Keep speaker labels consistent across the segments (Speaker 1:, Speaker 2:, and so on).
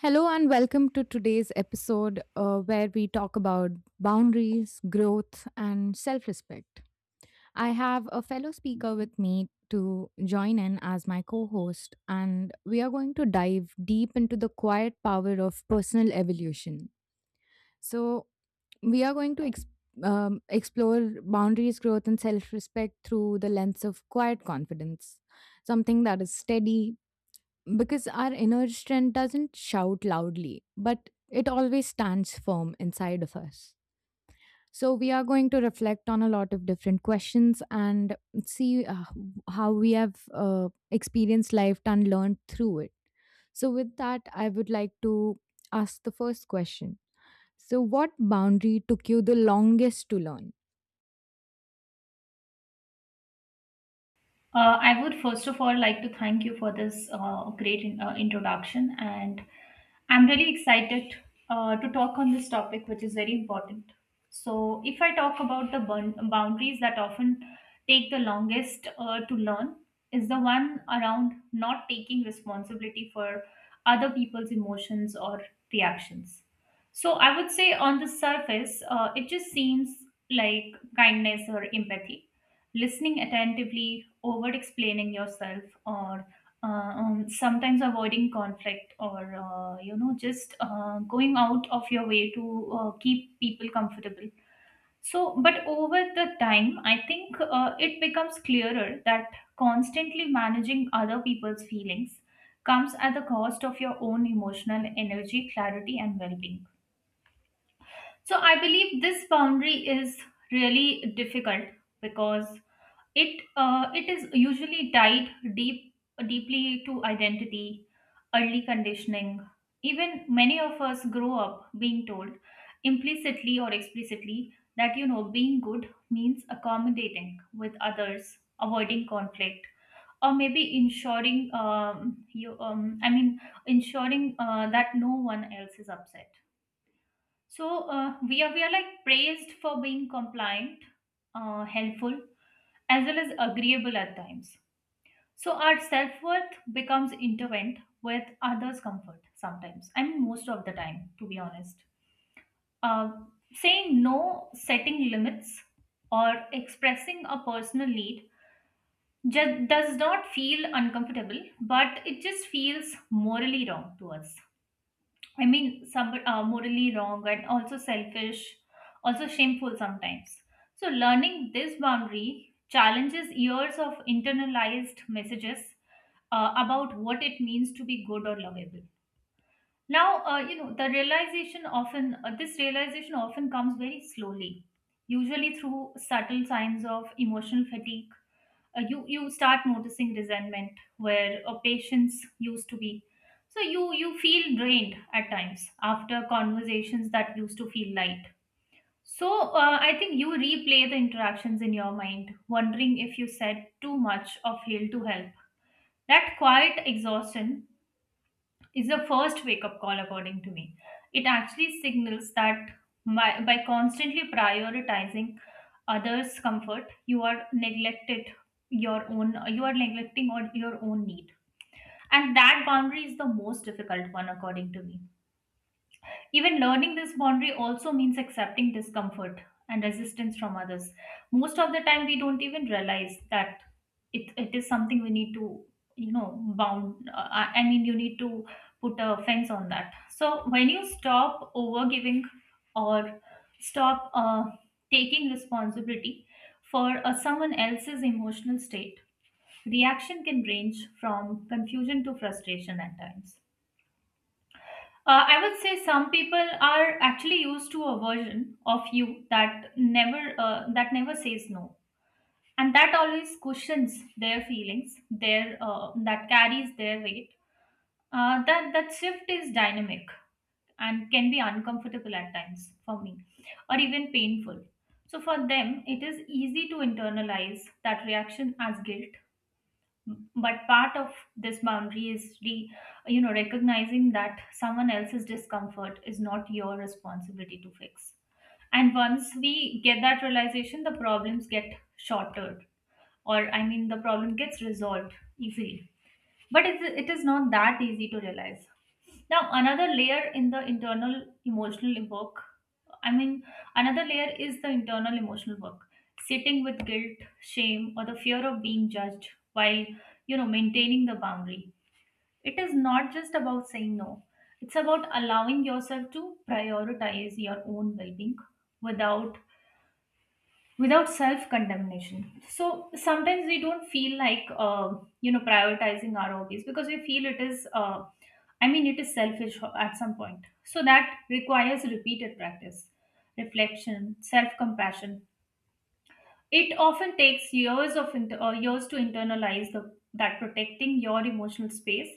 Speaker 1: Hello, and welcome to today's episode where we talk about boundaries, growth, and self respect. I have a fellow speaker with me to join in as my co host, and we are going to dive deep into the quiet power of personal evolution. So, we are going to ex- explore boundaries, growth, and self respect through the lens of quiet confidence, something that is steady, because our inner strength doesn't shout loudly, but it always stands firm inside of us. So, we are going to reflect on a lot of different questions and see how we have experienced life and learned through it. So, with that, I would like to ask the first question. So, what boundary took you the longest to learn?
Speaker 2: I would first of all like to thank you for this great introduction, and I'm really excited to talk on this topic, which is very important. So, if I talk about the boundaries that often take the longest to learn, is the one around not taking responsibility for other people's emotions or reactions. So, I would say on the surface, it just seems like kindness or empathy listening attentively, over explaining yourself, or sometimes avoiding conflict, or you know, just going out of your way to keep people comfortable. So, but over the time, I think it becomes clearer that constantly managing other people's feelings comes at the cost of your own emotional energy, clarity, and well being. So, I believe this boundary is really difficult because it is usually tied deep deeply to identity, early conditioning. Even many of us grow up being told implicitly or explicitly that you know being good means accommodating with others, avoiding conflict, or maybe ensuring you I mean ensuring that no one else is upset. So we are like praised for being compliant, helpful as well as agreeable at times. So our self worth becomes intertwined with others' comfort sometimes, I mean, most of the time, to be honest. Uh, saying no, setting limits, or expressing a personal need just does not feel uncomfortable, but it just feels morally wrong to us. Morally wrong and also selfish, also shameful sometimes. So, learning this boundary challenges years of internalized messages about what it means to be good or lovable. Now, you know, this realization often comes very slowly, usually through subtle signs of emotional fatigue. You start noticing resentment where a patience used to be, so you feel drained at times after conversations that used to feel light. So I think you replay the interactions in your mind, wondering if you said too much or failed to help. That quiet exhaustion is the first wake up call, according to me. It actually signals that by constantly prioritizing others' comfort, you are neglecting on your own need, and that boundary is the most difficult one according to me. Even learning this boundary also means accepting discomfort and resistance from others. Most of the time, we don't even realize that it is something we need to, you know, bound. You need to put a fence on that. So when you stop over giving or stop taking responsibility for someone else's emotional state, reaction can range from confusion to frustration at times. I would say some people are actually used to a version of you that never says no, and that always cushions their feelings, their that carries their weight. That shift is dynamic and can be uncomfortable at times for me, or even painful. So for them, it is easy to internalize that reaction as guilt, but part of this boundary is you know, recognizing that someone else's discomfort is not your responsibility to fix. And once we get that realization, the problems get shortered, or I mean the problem gets resolved easily, but it is not that easy to realize. Now, another layer in the internal emotional work, I mean, another layer is the internal emotional work, sitting with guilt, shame, or the fear of being judged while, you know, maintaining the boundary. It is not just about saying no, it's about allowing yourself to prioritize your own well being without without self condemnation. So sometimes we don't feel like you know, prioritizing our hobbies because we feel it is it is selfish at some point. So that requires repeated practice, reflection, self compassion. It often takes years to internalize the that protecting your emotional space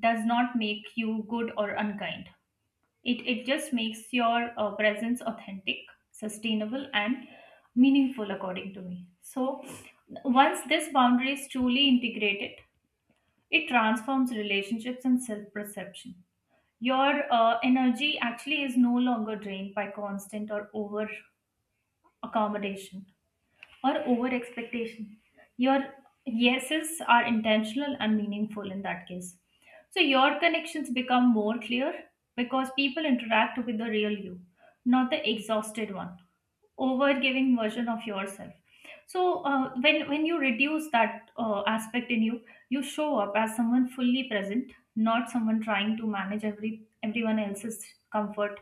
Speaker 2: does not make you good or unkind. It just makes your presence authentic, sustainable, and meaningful, according to me. So, once this boundary is truly integrated, it transforms relationships and self perception. Your energy actually is no longer drained by constant or over accommodation or over expectation. Your yeses are intentional and meaningful in that case. So your connections become more clear because people interact with the real you, not the exhausted one, over giving version of yourself. So when you reduce that aspect in you, you show up as someone fully present, not someone trying to manage everyone else's comfort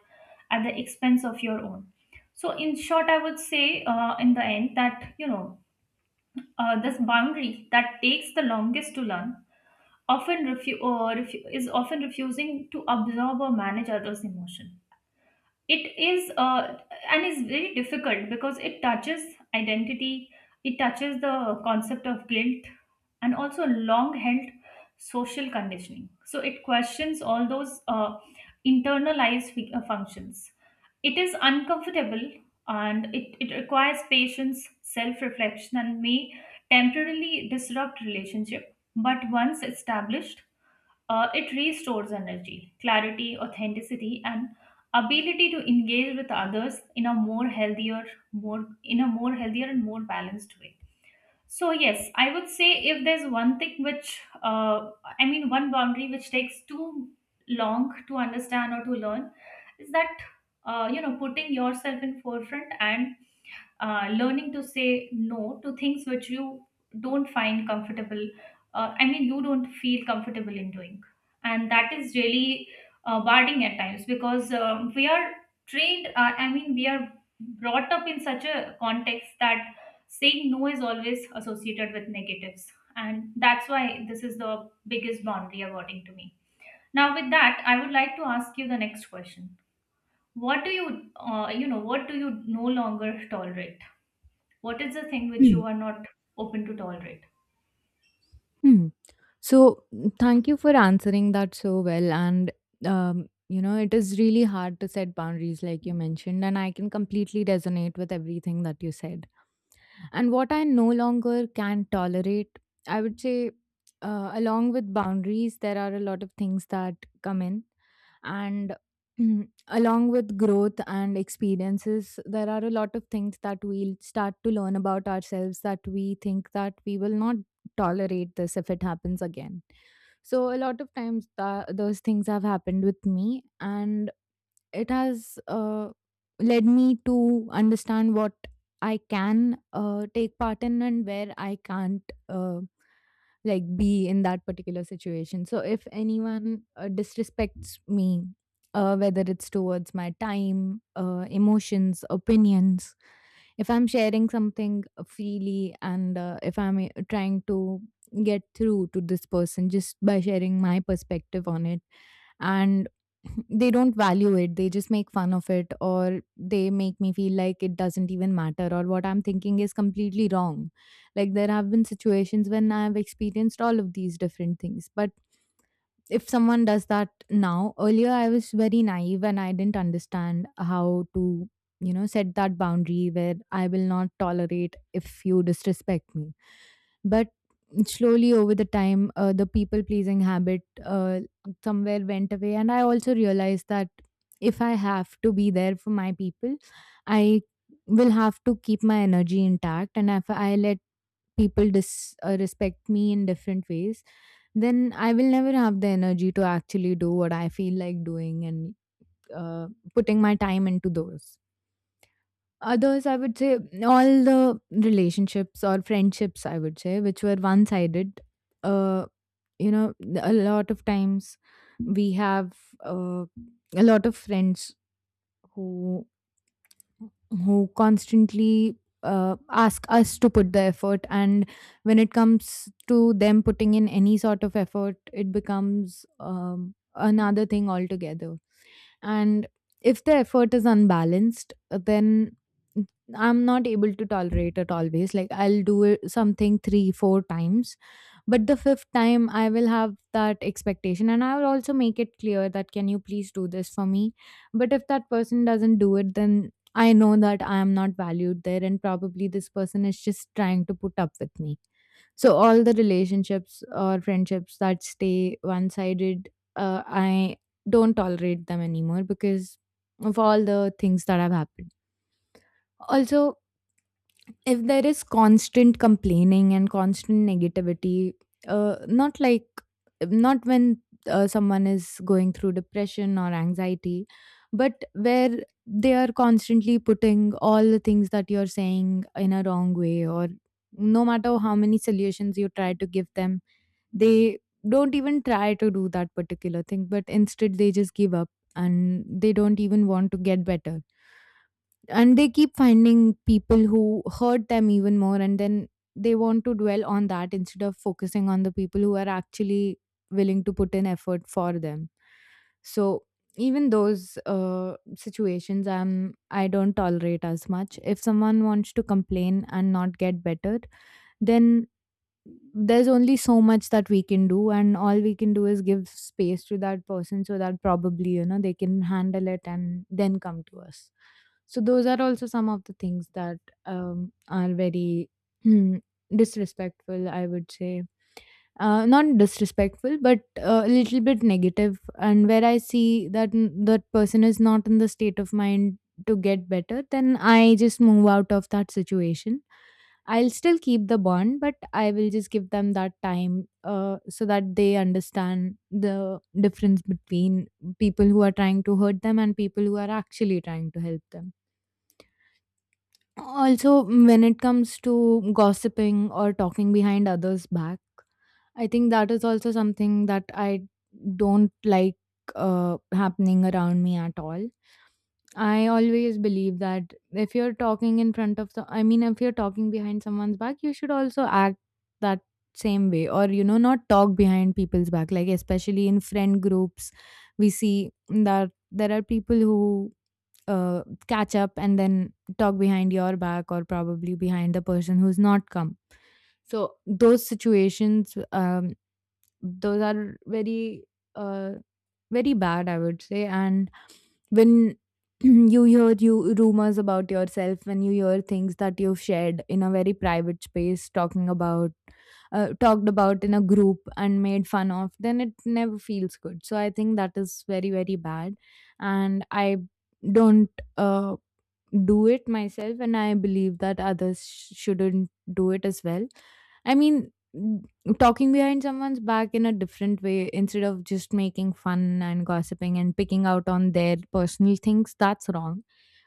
Speaker 2: at the expense of your own. So, in short, I would say in the end that you know this boundary that takes the longest to learn often refu- refu- is often refusing to absorb or manage others' emotion. It is and is very difficult because it touches identity, it touches the concept of guilt, and also long-held social conditioning. So it questions all those functions. It is uncomfortable and it requires patience, self reflection, and may temporarily disrupt relationship. But once established, it restores energy, clarity, authenticity, and ability to engage with others in a more healthier, more in a more healthier and more balanced way. So yes, I would say if there's one thing which, one boundary which takes too long to understand or to learn, is that you know, putting yourself in forefront and learning to say no to things which you don't find comfortable, you don't feel comfortable in doing. And that is really barring at times, because we are trained, we are brought up in such a context that saying no is always associated with negatives. And that's why this is the biggest boundary according to me. Now with that, I would like to ask you the next question. What do you you know, what do you no longer tolerate? What is the thing which you are not open to tolerate?
Speaker 1: Hmm. So thank you for answering that so well. And, it is really hard to set boundaries, like you mentioned, and I can completely resonate with everything that you said. And what I no longer can tolerate, I would say, along with boundaries, there are a lot of things that come in. And along with growth and experiences, there are a lot of things that we'll start to learn about ourselves that we think that we will not tolerate this if it happens again. So a lot of times those things have happened with me, and it has led me to understand what I can take part in and where I can't uh, like be in that particular situation. So if anyone disrespects me, whether it's towards my time, emotions, opinions, if I'm sharing something freely and if I'm trying to get through to this person just by sharing my perspective on it, and they don't value it. They just make fun of it, or they make me feel like it doesn't even matter, or what I'm thinking is completely wrong. Like, there have been situations when I've experienced all of these different things. But if someone does that now, earlier I was very naive and I didn't understand how to, set that boundary where I will not tolerate if you disrespect me. But slowly over the time, the people pleasing habit somewhere went away. And I also realized that if I have to be there for my people, I will have to keep my energy intact. And if I let people respect me in different ways, then I will never have the energy to actually do what I feel like doing and uh, putting my time into those. Others, I would say, all the relationships or friendships, I would say, which were one sided, uh, you know, a lot of times we have uh, a lot of friends who who constantly ask us to put the effort, and when it comes to them putting in any sort of effort, it becomes another thing altogether. And if the effort is unbalanced, then I'm not able to tolerate it always. Like, I'll do it something three, four times, but the fifth time I will have that expectation, and I will also make it clear that can you please do this for me. But if that person doesn't do it, then I know that I am not valued there, and probably this person is just trying to put up with me. So all the relationships or friendships that stay one sided, I don't tolerate them anymore because of all the things that have happened. Also, if there is constant complaining and constant negativity, not like, not when someone is going through depression or anxiety, but where they are constantly putting all the things that you're saying in a wrong way, or no matter how many solutions you try to give them, they don't even try to do that particular thing, but instead they just give up, and they don't even want to get better, and they keep finding people who hurt them even more, and then they want to dwell on that instead of focusing on the people who are actually willing to put in effort for them. So even those situations, I don't tolerate as much. If someone wants to complain and not get better, then there's only so much that we can do, and all we can do is give space to that person so that probably, they can handle it and then come to us. So those are also some of the things that are very hmm, disrespectful, I would say. Not disrespectful, but a little bit negative, and where I see that that person is not in the state of mind to get better, then I just move out of that situation. I'll still keep the bond, but I will just give them that time, so that they understand the difference between people who are trying to hurt them and people who are actually trying to help them. Also, when it comes to gossiping or talking behind others' back, I think that is also something that I don't like happening around me at all. I always believe that if you're talking in front I mean, if you're talking behind someone's back, you should also act that same way, or, not talk behind people's back. Like, especially in friend groups, we see that there are people who catch up and then talk behind your back, or probably behind the person who's not come. So those situations, those are very, uh, very bad, I would say. And when you hear you rumors about yourself, when you hear things that you've shared in a very private space, talked about in a group and made fun of, then it never feels good. So I think that is very, very bad, and I don't uh do it myself, and I believe that others shouldn't do it as well. I mean, talking behind someone's back in a different way, instead of just making fun and gossiping and picking out on their personal things, that's wrong.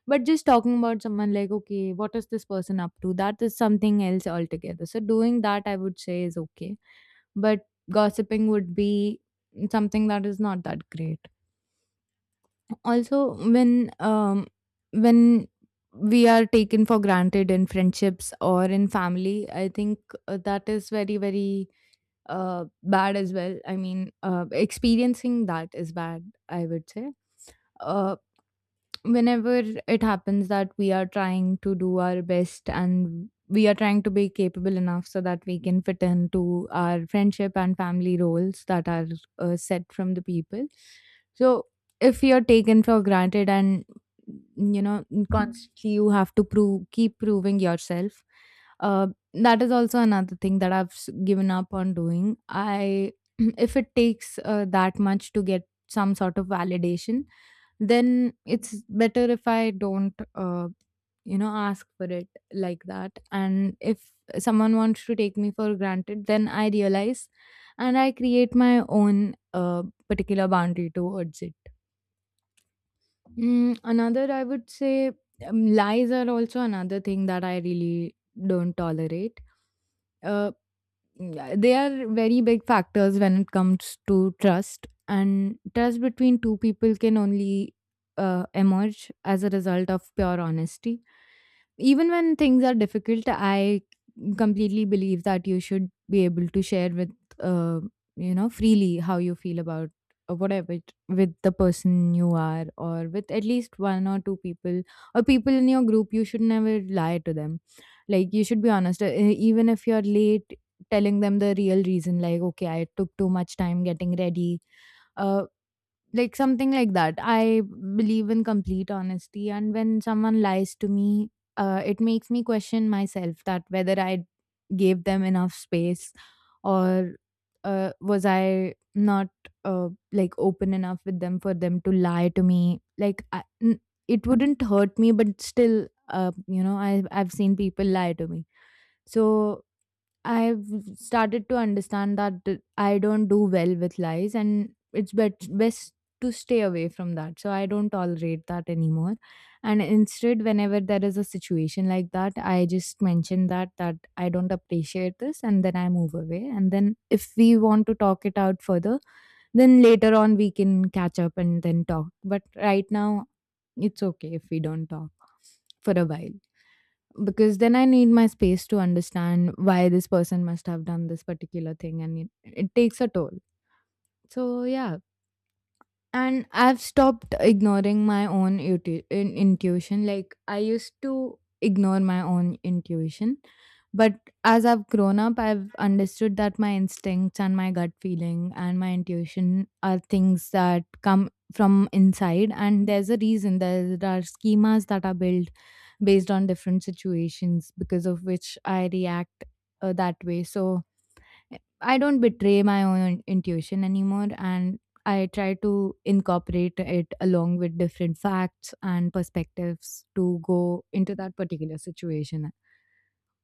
Speaker 1: But just talking about someone like, okay, what is this person up to, that is something else altogether. So doing that, I would say, is okay. But gossiping would be something that is not that great. Also, when we are taken for granted in friendships or in family, I think that is very, very bad as well. I mean, experiencing that is bad, I would say. Uh, Whenever it happens that we are trying to do our best and we are trying to be capable enough so that we can fit into our friendship and family roles that are set from the people, so if you're taken for granted and, you know constantly you have to prove keep proving yourself, uh, that is also another thing that I've given up on doing. I If it takes that much to get some sort of validation, then it's better if I don't, ask for it like that. And if someone wants to take me for granted, then I realize and I create my own particular boundary towards it. Another, I would say, lies are also another thing that I really don't tolerate. uh, yeah, they are very big factors when it comes to trust, and trust between two people can only emerge as a result of pure honesty. Even when things are difficult, I completely believe that you should be able to share with, uh, freely how you feel about whatever it, with the person you are, or with at least one or two people, or people in your group. You should never lie to them. Like, you should be honest, even if you're late, telling them the real reason like, okay, I took too much time getting ready, uh, like something like that. I believe in complete honesty, and when someone lies to me, it makes me question myself that whether I gave them enough space, or, was I not like open enough with them for them to lie to me. Like, it wouldn't hurt me, but still, I've seen people lie to me. So I've started to understand that I don't do well with lies, and it's best to stay away from that. So I don't tolerate that anymore. And instead, whenever there is a situation like that, I just mention that I don't appreciate this, and then I move away. And then if we want to talk it out further, then later on we can catch up and then talk. But right now, it's okay if we don't talk for a while. Because then I need my space to understand why this person must have done this particular thing and it takes a toll. So, yeah, and I've stopped ignoring my own intuition, like I used to ignore my own intuition. But as I've grown up, I've understood that my instincts and my gut feeling and my intuition are things that come from inside, and there's a reason. There are schemas that are built based on different situations because of which I react that way. So I don't betray my own intuition anymore, and I try to incorporate it along with different facts and perspectives to go into that particular situation.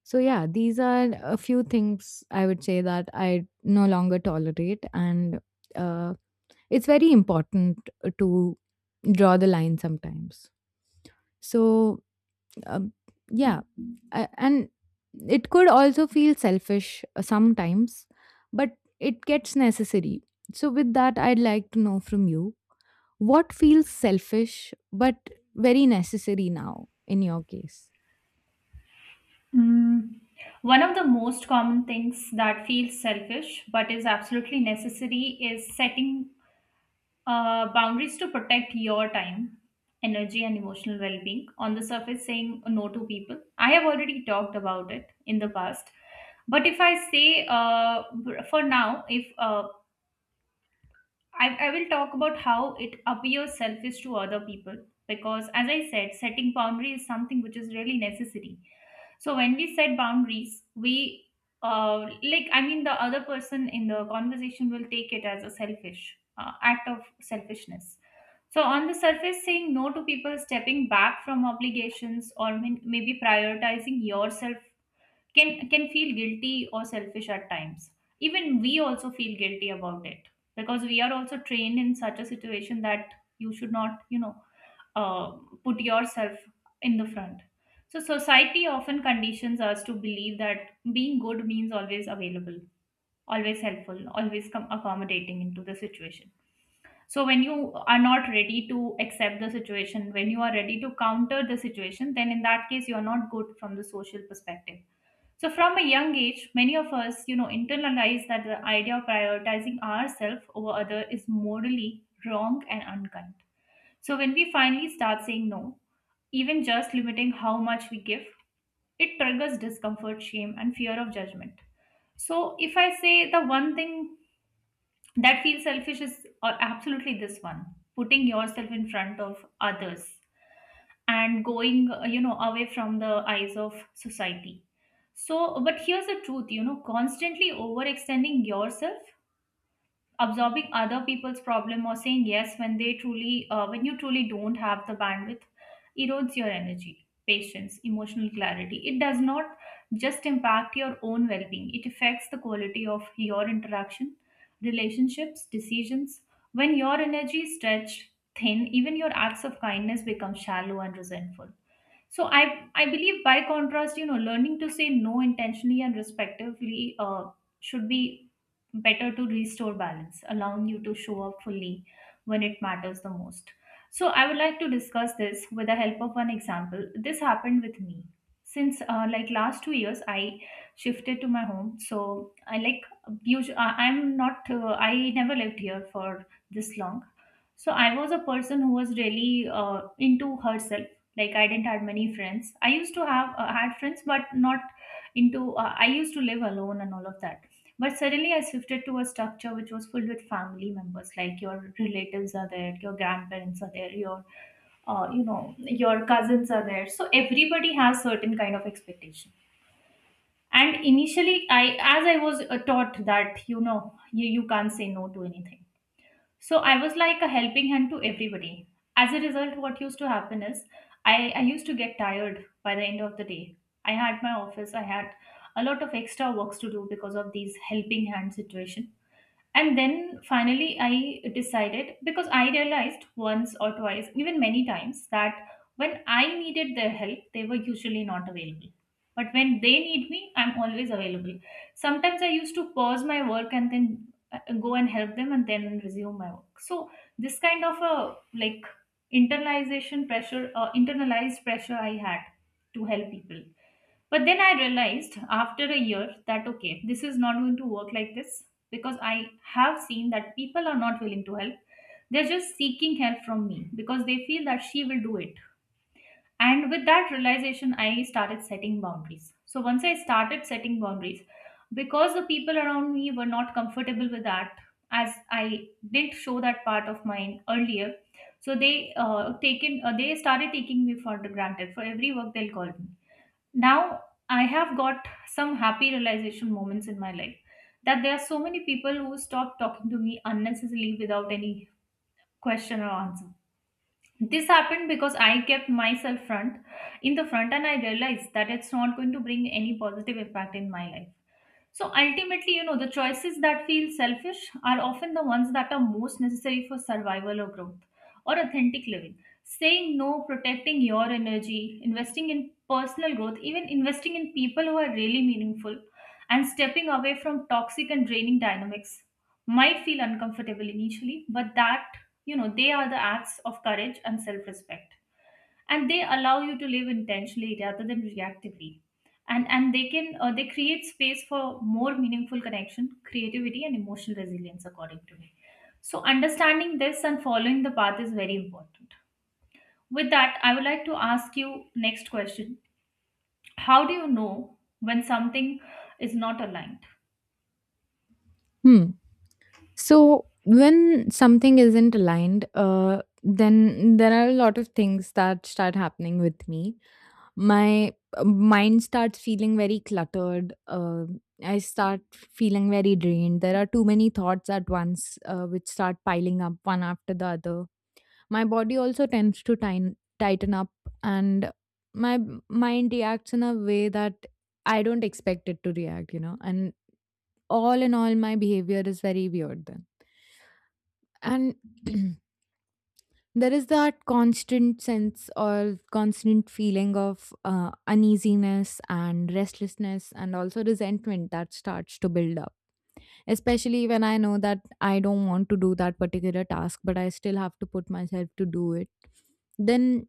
Speaker 1: So yeah, these are a few things I would say that I no longer tolerate, and uh, it's very important to draw the line sometimes. So um, yeah and it could also feel selfish sometimes, but it gets necessary. So with that, I'd like to know from you, what feels selfish but very necessary now in your case?
Speaker 2: Mm, one of the most common things that feels selfish but is absolutely necessary is setting boundaries to protect your time, energy, and emotional well being. On the surface, saying no to people. I have already talked about it in the past. But if I say for now, if I will talk about how it appears selfish to other people because, as I said, setting boundaries is something which is really necessary. So, when we set boundaries, we the other person in the conversation will take it as a selfish act of selfishness. So, on the surface, saying no to people, stepping back from obligations, or maybe prioritizing yourself can feel guilty or selfish at times. Even we also feel guilty about it because we are also trained in such a situation that you should not, you know, uh, put yourself in the front. So society often conditions us to believe that being good means always available, always helpful, always accommodating into the situation. So when you are not ready to accept the situation, when you are ready to counter the situation, then in that case you are not good from the social perspective. So from a young age, many of us, you know, internalize that the idea of prioritizing ourselves over other is morally wrong and unkind. So when we finally start saying no, even just limiting how much we give, it triggers discomfort, shame, and fear of judgment. So if I say the one thing that feels selfish is or absolutely this one, putting yourself in front of others and going you know, away from the eyes of society. So but here's the truth, you know, constantly overextending yourself, absorbing other people's problem, or saying yes when they truly when you truly don't have the bandwidth, erodes your energy, patience, emotional clarity. It does not just impact your own well-being, it affects the quality of your interaction, relationships, decisions. When your energy is stretched thin, even your acts of kindness become shallow and resentful. So I believe, by contrast, you know, learning to say no intentionally and respectively should be better to restore balance, allowing you to show up fully when it matters the most. So I would like to discuss this with the help of one example. This happened with me. Since like last 2 years, I shifted to my home. So I, like, usually I'm not I never lived here for this long. So I was a person who was really into herself, like I didn't had many friends. I used to have had friends, but not into I used to live alone and all of that. But suddenly I shifted to a structure which was full with family members, like your relatives are there, your grandparents are there, your you know, your cousins are there. So everybody has certain kind of expectation, and initially I, as I was taught that, you know, you can't say no to anything. So I was like a helping hand to everybody. As a result, what used to happen is I used to get tired by the end of the day. I had my office, I had a lot of extra works to do because of these helping hand situation. And then finally, I decided, because I realized once or twice, even many times, that when I needed their help, they were usually not available. But when they need me, I'm always available. Sometimes I used to pause my work and then go and help them and then resume my work. So, this kind of a like internalized pressure I had to help people. But then I realized after a year that, okay, this is not going to work like this, because I have seen that people are not willing to help. They're just seeking help from me because they feel that she will do it. And with that realization, I started setting boundaries. So once I started setting boundaries, because the people around me were not comfortable with that, as I didn't show that part of mine earlier, so they started taking me for granted. For every work, they'll call me. Now I have got some happy realization moments in my life that there are so many people who stop talking to me unnecessarily without any question or answer. This happened because I kept myself front in the front and I realized that it's not going to bring any positive impact in my life. So ultimately, you know, the choices that feel selfish are often the ones that are most necessary for survival or growth or authentic living. Saying no, protecting your energy, investing in personal growth, even investing in people who are really meaningful, and stepping away from toxic and draining dynamics might feel uncomfortable initially, but that, you know, they are the acts of courage and self respect, and they allow you to live intentionally rather than reactively. And they can they create space for more meaningful connection, creativity, and emotional resilience according to me. So understanding this and following the path is very important. With that, I would like to ask you next question. How do you know when something is not aligned?
Speaker 1: Hmm. So when something isn't aligned, then there are a lot of things that start happening with me. My mind starts feeling very cluttered. I start feeling very drained. There are too many thoughts at once, which start piling up one after the other. My body also tends to tighten up, and my mind reacts in a way that I don't expect it to react, you know. And all in all, my behavior is very weird then. And there is that constant sense or constant feeling of uneasiness and restlessness and also resentment that starts to build up, especially when I know that I don't want to do that particular task, but I still have to put myself to do it. Then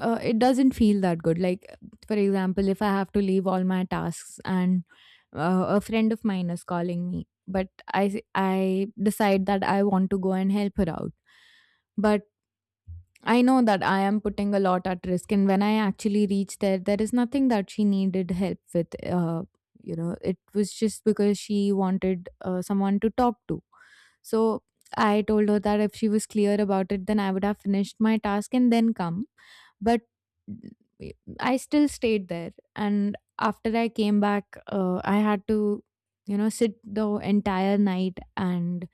Speaker 1: it doesn't feel that good. Like, for example, if I have to leave all my tasks, and a friend of mine is calling me, but I decide that I want to go and help her out, but I know that I am putting a lot at risk, and when I actually reached there, there is nothing that she needed help with. You know, it was just because she wanted someone to talk to. So I told her that if she was clear about it, then I would have finished my task and then come. But I still stayed there, and after I came back, I had to, you know, sit the entire night and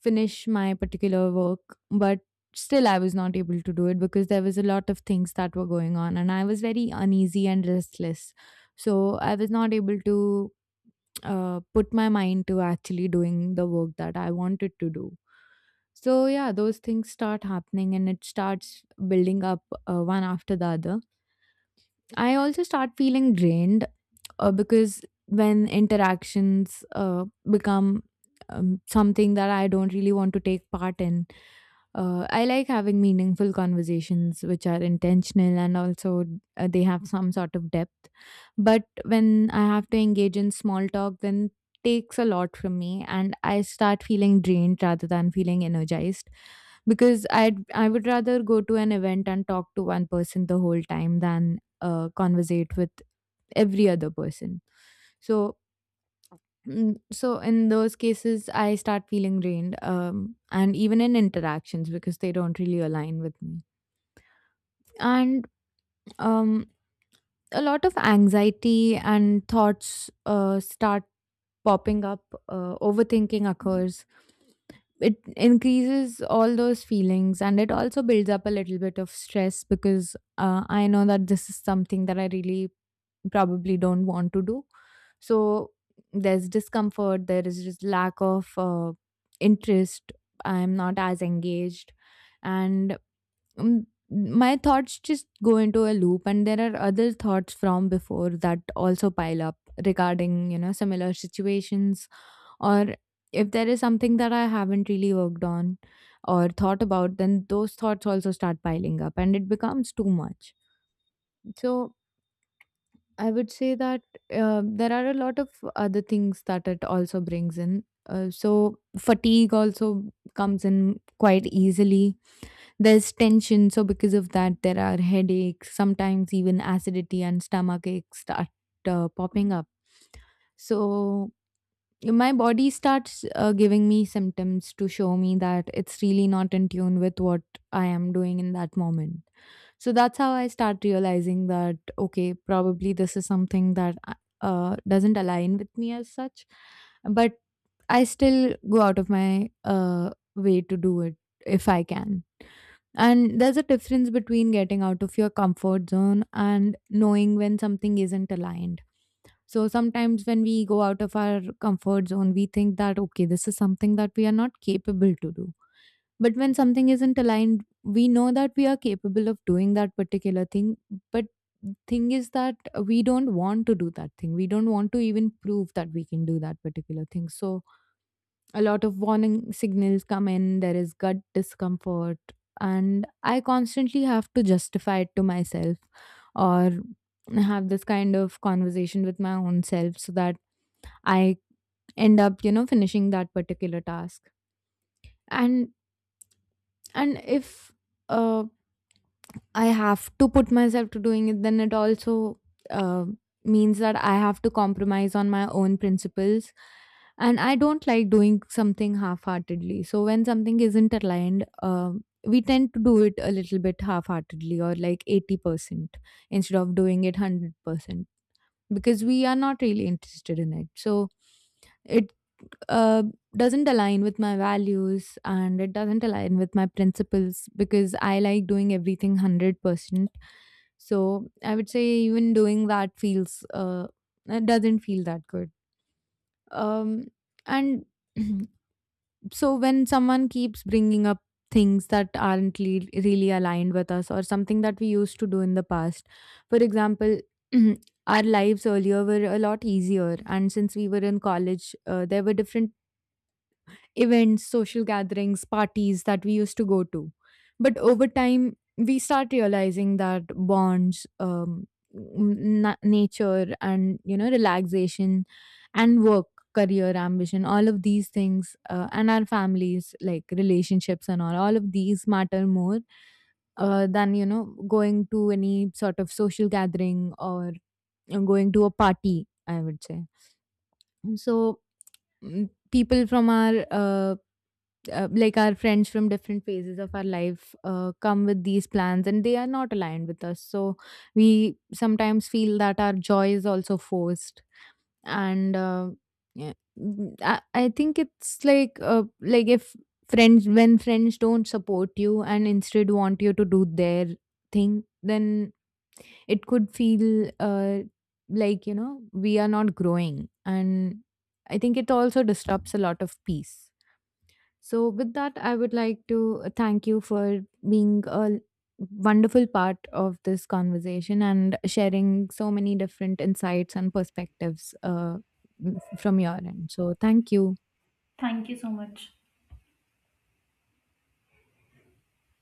Speaker 1: finish my particular work, but still I was not able to do it because there was a lot of things that were going on, and I was very uneasy and restless. So I was not able to put my mind to actually doing the work that I wanted to do. So yeah, those things start happening, and it starts building up one after the other. I also start feeling drained, because when interactions become something that I don't really want to take part in, I like having meaningful conversations which are intentional, and also they have some sort of depth. But when I have to engage in small talk, then takes a lot from me, and I start feeling drained rather than feeling energized, because I would rather go to an event and talk to one person the whole time than conversate with every other person. So mm, so in those cases I start feeling drained, and even in interactions, because they don't really align with me. And um, a lot of anxiety and thoughts start popping up, overthinking occurs. It increases all those feelings, and it also builds up a little bit of stress, because I know that this is something that I really probably don't want to do. So there's discomfort, there is just lack of interest. I'm not as engaged, and mm, my thoughts just go into a loop. And there are other thoughts from before that also pile up regarding, you know, similar situations, or if there is something that I haven't really worked on or thought about, then those thoughts also start piling up, and it becomes too much. So I would say that there are a lot of other things that it also brings in. So fatigue also comes in quite easily. There's tension, so because of that, there are headaches. Sometimes even acidity and stomach aches start popping up. So my body starts giving me symptoms to show me that it's really not in tune with what I am doing in that moment. So that's how I start realizing that, okay, probably this is something that doesn't align with me as such. But I still go out of my way to do it if I can. And there's a difference between getting out of your comfort zone and knowing when something isn't aligned. So sometimes when we go out of our comfort zone, we think that, okay, this is something that we are not capable to do. But when something isn't aligned, we know that we are capable of doing that particular thing. But thing is that we don't want to do that thing. We don't want to even prove that we can do that particular thing. So a lot of warning signals come in, there is gut discomfort, and I constantly have to justify it to myself, or have this kind of conversation with my own self, so that I end up, you know, finishing that particular task. And and if uh, I have to put myself to doing it, then it also uh, means that I have to compromise on my own principles. And I don't like doing something half heartedly. So when something isn't aligned, we tend to do it a little bit half heartedly, or like 80% instead of doing it 100%, because we are not really interested in it. So it uh, doesn't align with my values, and it doesn't align with my principles, because I like doing everything 100%. So I would say even doing that feels, it doesn't feel that good. Um, and so when someone keeps bringing up things that aren't really aligned with us, or something that we used to do in the past, for example our lives earlier were a lot easier, and since we were in college, there were different events, social gatherings, parties that we used to go to. But over time, we start realizing that bonds, nature, and you know, relaxation, and work, career, ambition, all of these things, and our families, like relationships and all of these matter more than, you know, going to any sort of social gathering, or going to a party, I would say. So mm, people from our like our friends from different phases of our life come with these plans, and they are not aligned with us, so we sometimes feel that our joy is also forced. And yeah, mm, I think it's like if friends when friends don't support you and instead want you to do their thing, then it could feel like, you know, we are not growing, and I think it also disrupts a lot of peace. So, with that, I would like to thank you for being a wonderful part of this conversation and sharing so many different insights and perspectives, from your end. So, thank you.
Speaker 2: Thank you so much.